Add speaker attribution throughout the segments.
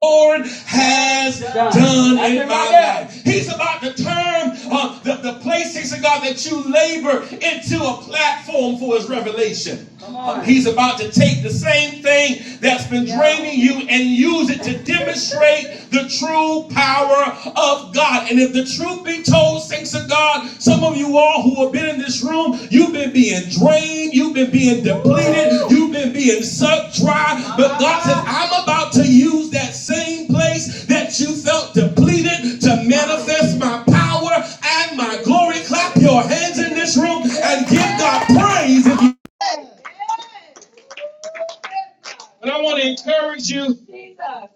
Speaker 1: Lord has Done. done, in my life. He's about to turn uh, the, the places of God that you labor into a platform for his revelation. Uh, he's about to take the same thing that's been Yeah. draining you and use it to demonstrate the true power of God. And if the truth be told, Thanks to God, some of you all who have been in this room, you've been being drained, you've been being depleted, you've been being sucked dry. But God said, I'm about to use that same place that you felt depleted to manifest my power and my glory. Clap your hands in this room and give God praise. and I want to encourage you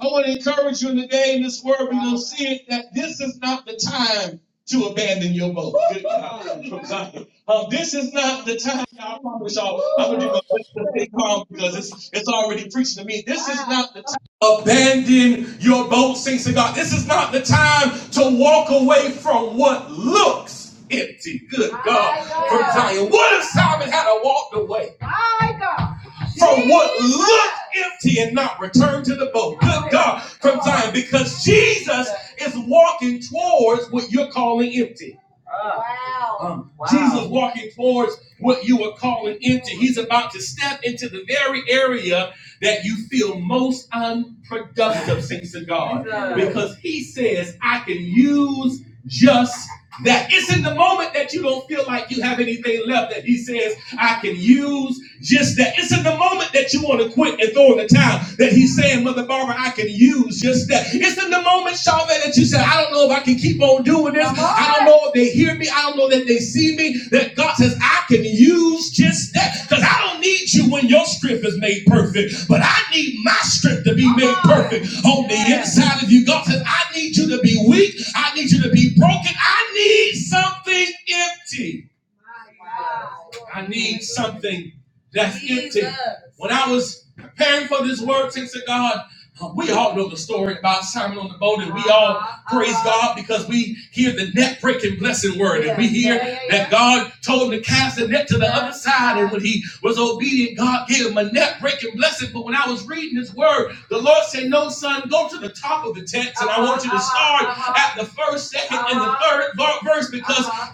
Speaker 1: I want to encourage you today in this word. We're going to see it that this is not the time to abandon your boat. Good God Uh, this is not the time. I promise y'all, I'm going
Speaker 2: Mhm.
Speaker 1: to do my best to stay calm because it's, it's already preaching to me. This is not the time. Abandon your boat, saints of God. This is not the time to walk away from what looks empty. Good God. And What if Simon had to walk away what looks empty and not return to the boat. Good God from Zion, because Jesus is walking towards what you're calling empty. Wow. Um, walking towards what you are calling empty. He's about to step into the very area that you feel most unproductive, sings to God. Because he says, I can use just that. It's in the moment that you don't feel like you have anything left that he says, I can use just that. It's in the moment that you want to quit and throw in the towel that he's saying, Mother Barbara, I can use just that. It's in the moment, Charlotte, that you said, I don't know if I can keep on doing this. Lord, they hear me. I don't know that they see me. That God says, I can use just that. Because I don't need you when your strength is made perfect, but I need my strength to be perfect out of you. God says, I need you to be weak. I need you to be broken. I need something empty. I need something that's Jesus. empty. When I was preparing for this word, thanks to God, uh, we all know the story about Simon on the boat because we hear the net breaking blessing word. Yeah. And we hear God told him to cast the net to the yeah. other side. When he was obedient, God gave him a net breaking blessing. But when I was reading his word, the Lord said, No, son, go to the top of the text at the first, second, third verse because."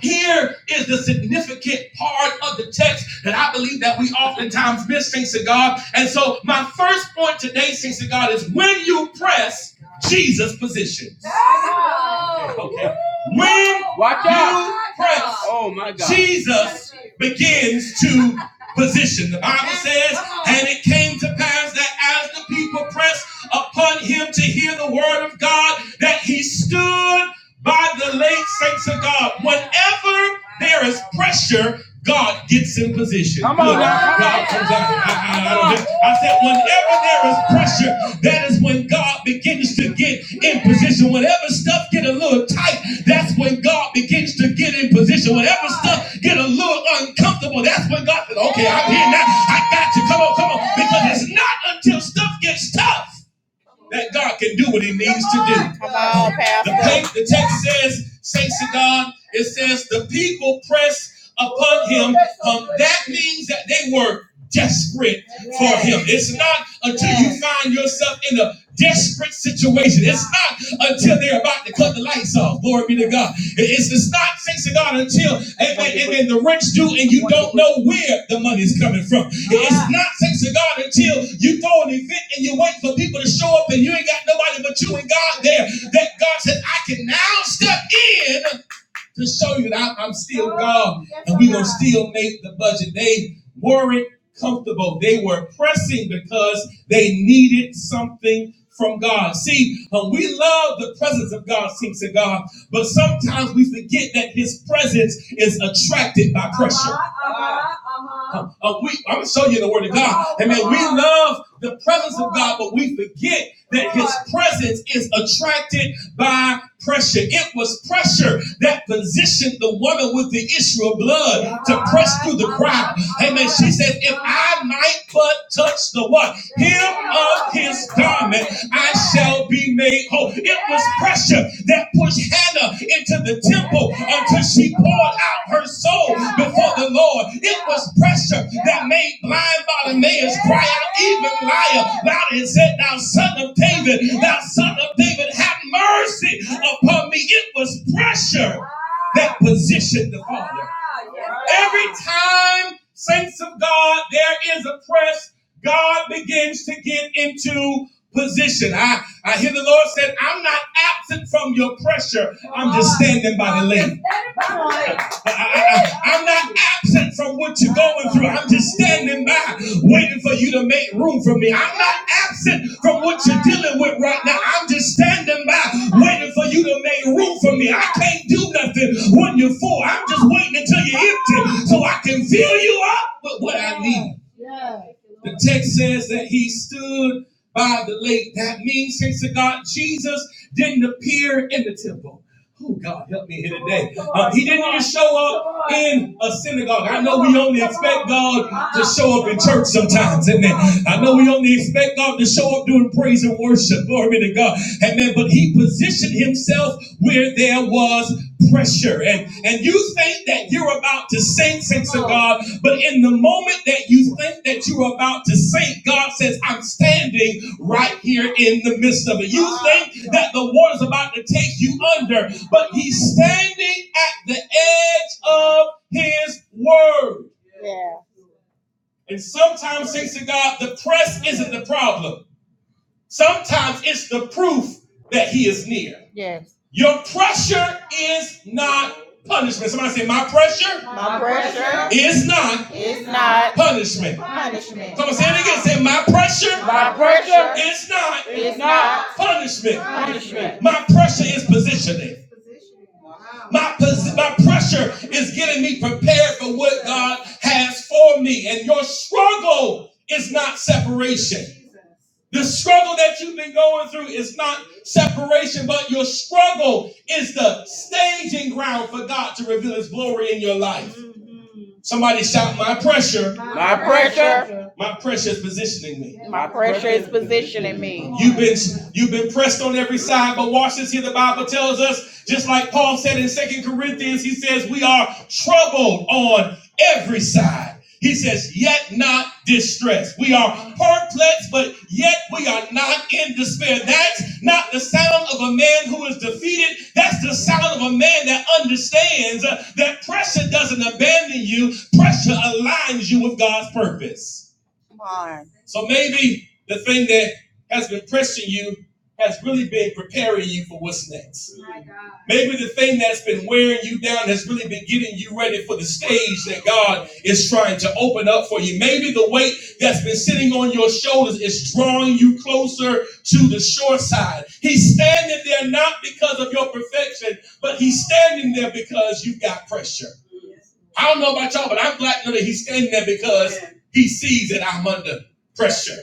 Speaker 1: Here is the significant part of the text that I believe that we oftentimes miss, thanks to God. And so my first point today, thanks to God, is when you press, Jesus positions. Okay. okay. When Watch you out. press, Oh my God. Jesus begins to position. The Bible says and it came to pass that as the people pressed upon him to hear the word of God, that he stood by the late saints of God. Whenever there is pressure, God gets in position. Come on, now. God comes out. I, I- I I said, whenever there is pressure, that is when God begins to get in position. Whenever stuff get a little tight, that's when God begins to get in position. Whenever stuff get a little uncomfortable, that's when God said, "Oh, gotcha. Come on, come on. It's not until stuff gets tough that God can do what he needs The text says, Saints to God, it says the people press up. That means that they were desperate. It's not until you find yourself in a desperate situation. It's not until they're about to cut the lights off. Glory be to God. It's, it's not, thanks to God, until amen, amen, the rich do and you don't know where the money's coming from not fixing God until you throw an event and you wait for people to show up and you ain't got nobody but you and God there. That God said, I can now step in to show you that I'm still still make the budget. They weren't comfortable. They were pressing because they needed something from God. See, uh, we love the presence of God, seems to God, but sometimes we forget that His presence is attracted by. God. Uh, we, I'm gonna show you the word. We Love the presence, but we forget. presence is attracted by pressure. It was pressure that positioned the woman with the issue of blood. He said, if I might but touch the what? I'll be made whole. It was pressure that pushed Hannah into the temple of her soul, the Lord. was pressure that made blind Bartimaeus about it and said, Thou son of David, thou son of David, have mercy upon me. It was pressure that positioned the time, saints of God, there is a press. God begins to get into position. I, I hear the Lord said, I'm not absent from your pressure in the I, am absent from what you are been by, waiting for you to make room for me. I'm absent from what right. I'm just standing by for you to make room for me. I can't do nothing when you're full. I'm just waiting until you're empty so I can fill you up with what. text says that he stood by the lake. That means, thanks to God, Jesus didn't appear in the temple. Oh, God, help me Show in a synagogue. Show up in church sometimes, amen. I know we only expect God to show up doing praise and worship. Glory to God, amen. But He positioned Himself where there was pressure, and and you think that you're about to sink, since God. But in the moment that you think that you're about to sink, God says, I'm standing right here in the midst of it. You think that the water's about to take you under, but he's standing at the edge of his word. And sometimes, thanks to God, the press isn't the problem. Sometimes it's the proof that he is near. Your pressure is not punishment. Somebody say, My pressure is not punishment. Say, my pressure is not punishment. My pressure is positioning. My, my pressure is getting me prepared for God has for me. And your struggle is not separation. The struggle that you've been going through is not separation, but your struggle is the staging ground for God to reveal His glory in your life. Somebody shout, My pressure, my pressure is positioning pressure is positioning me. pressed. You've been pressed on every side. But watch this here. The Bible tells us, just like Paul said in Second Corinthians, he says, We are troubled on every side. He says, yet not distressed. We are perplexed, but yet we are not in despair. That's not the sound of a man who is defeated. That's the sound of a man that understands uh, that pressure doesn't abandon you, pressure aligns you with God's purpose. So maybe the thing that has been pressing you has really been preparing you for what's next. Maybe the thing that's been wearing you down has really been getting you ready for the stage that God is trying to open up for you. Maybe the weight that's been sitting on your shoulders is drawing you closer to the shore side. He's standing there not because of your perfection, but he's standing there because you've got pressure. I don't know about y'all, but I'm glad to know that he's standing there because he sees that I'm under pressure.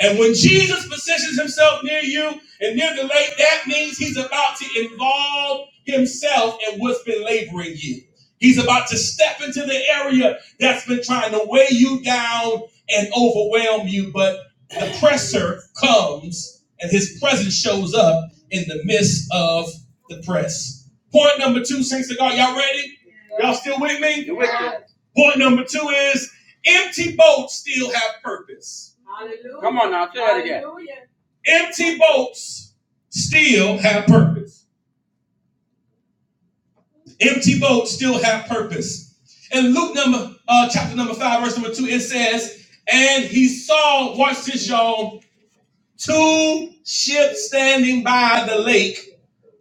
Speaker 1: And when Jesus positions himself near you and near the lake, that means he's about to involve himself in what's been laboring you. He's about to step into the area that's been trying to weigh you down and overwhelm you. But the presser comes and his presence shows up in the midst of the press. Point number two, saints of God, y'all ready? Y'all still with me? You're with Point number two is empty boats still have purpose. Come on now, say that again. Empty boats still have purpose. Empty boats still have purpose. In Luke number uh, chapter number five, verse number two, it says, "And he saw, watch this, y'all. two ships standing by the lake,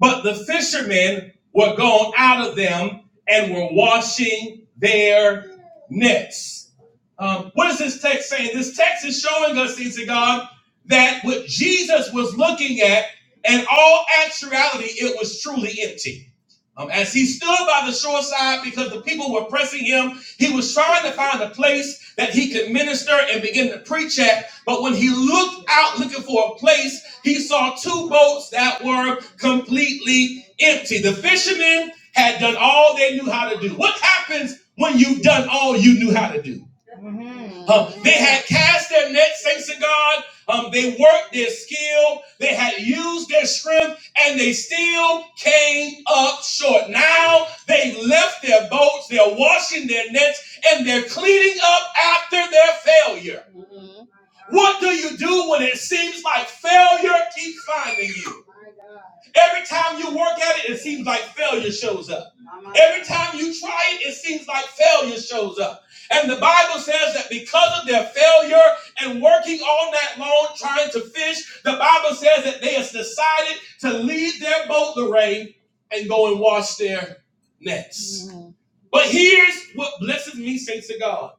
Speaker 1: but the fishermen were gone out of them and were washing their nets. Um, what is this text saying? This text is showing us, things to God, that what Jesus was looking at, in all actuality, it was truly empty. Um, as he stood by the shoreside because the people were pressing him, he was trying to find a place that he could minister and begin to preach at. But when he looked out looking for a place, he saw two boats that were completely empty. The fishermen had done all they knew how to do. What happens when you've done all you knew how to do? Uh, they had cast their nets, thanks to God. Um, they worked their skill, they had used their strength, and they still came up short. Now they left their boats, they're washing their nets, and they're cleaning up after their failure. What do you do when it seems like failure keeps finding you? Every time you work at it, it seems like failure shows up. Every Time you try it, it seems like failure shows up. And the Bible says that because of their failure and working all night long trying to fish, the Bible says that they have decided to leave their boat, Lorraine, and go and wash their nets. But here's what blesses me, saints of God.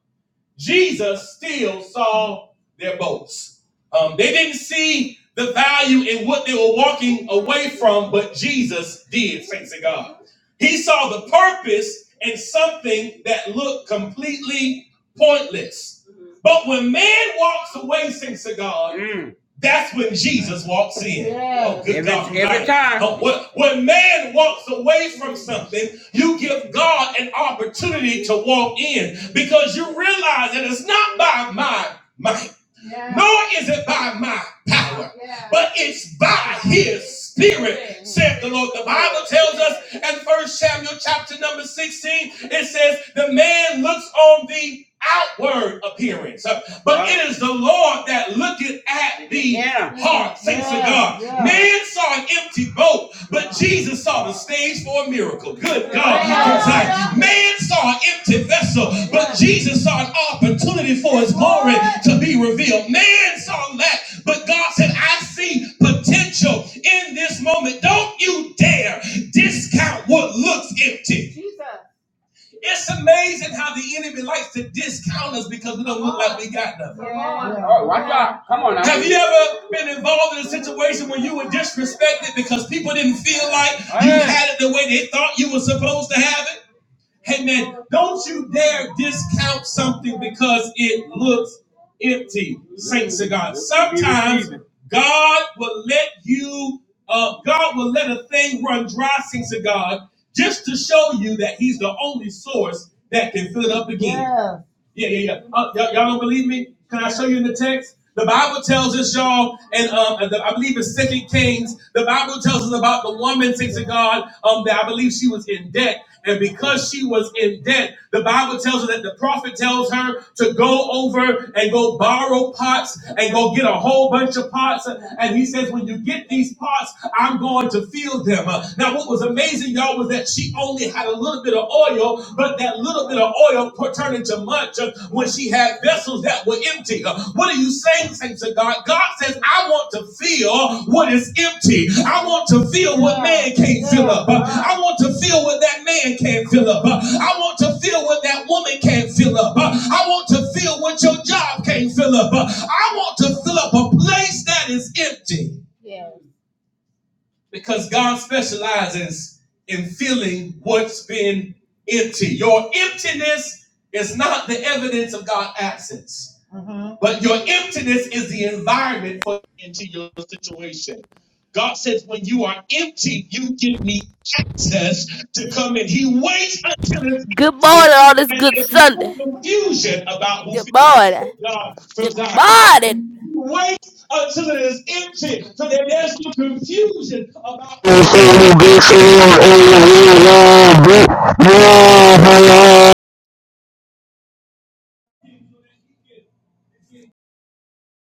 Speaker 1: Jesus still saw their boats. Um, they didn't see the value in what they were walking away from, but Jesus did, thanks to God. He saw the purpose in something that looked completely pointless. But when man walks away, thanks to God, Mm. that's when Jesus walks in. Good every, God every time. when when man walks away something, you give God an opportunity to walk in because you realize that it's not by my might, nor is it by my power, but it's by the Spirit, saith the Lord. And First Samuel chapter number 16, it says, The man looks on the outward appearance, uh, but right. it is the Lord that looketh at the yeah. heart. Man saw an empty boat, but Jesus saw the stage for a miracle. Good. Man saw an empty vessel, Jesus saw an opportunity for his to be revealed. Man saw lack, but God said, I see potential in this moment. Don't you dare discount what looks empty. It's amazing how the enemy likes to discount us because we don't look like we got Come on now. Have you ever been involved in a situation where you were disrespected because people didn't feel like you Hey. had it the way they thought you were supposed to have it? Hey man, don't you dare discount something because it looks empty, saints of God. Sometimes God will let you, uh, God will let a thing run dry, saints of God, just to show you that He's the only source that can fill it up again. Yeah, yeah, yeah. Uh, y'all, y'all don't believe me? Can I show you in the text? The Bible tells us, y'all, and um, I believe it's Second Kings. The Bible tells us about the woman, thanks to God, um, that I believe she was in debt, and because she was in debt, the Bible tells her that the prophet tells her to go over and go borrow pots and go get a whole whole bunch of parts. uh, And he says, when you get these parts, I'm going to fill them. Uh, Now, what was amazing, y'all, was that she only had a little bit of oil, but that little bit of oil turned into much uh, when she had vessels that were empty. Uh, What are you saying, saints of God? God says, I want to fill what is empty. I want to fill what can't I want to feel what that man can't fill up. Uh, I want to feel what that woman can't fill up. Uh, I want to feel what your job can't fill up. Uh, I want to fill up a place that is empty because God specializes in filling what's been empty. Your emptiness is not the evidence of God's absence. But your emptiness is the environment for into your situation. God says, when you are empty, you give me access to come in. He waits until it's
Speaker 3: Good
Speaker 1: empty,
Speaker 3: morning on this
Speaker 1: and
Speaker 3: good
Speaker 1: there's no
Speaker 3: Sunday.
Speaker 1: confusion about who
Speaker 3: Good
Speaker 1: feels
Speaker 3: morning.
Speaker 1: God from
Speaker 3: Good
Speaker 1: Zion.
Speaker 3: morning.
Speaker 1: He waits until it is empty, so that there's no confusion about
Speaker 4: We'll
Speaker 1: who did it
Speaker 4: be
Speaker 1: for
Speaker 4: seeing
Speaker 1: you.
Speaker 4: all Thank you.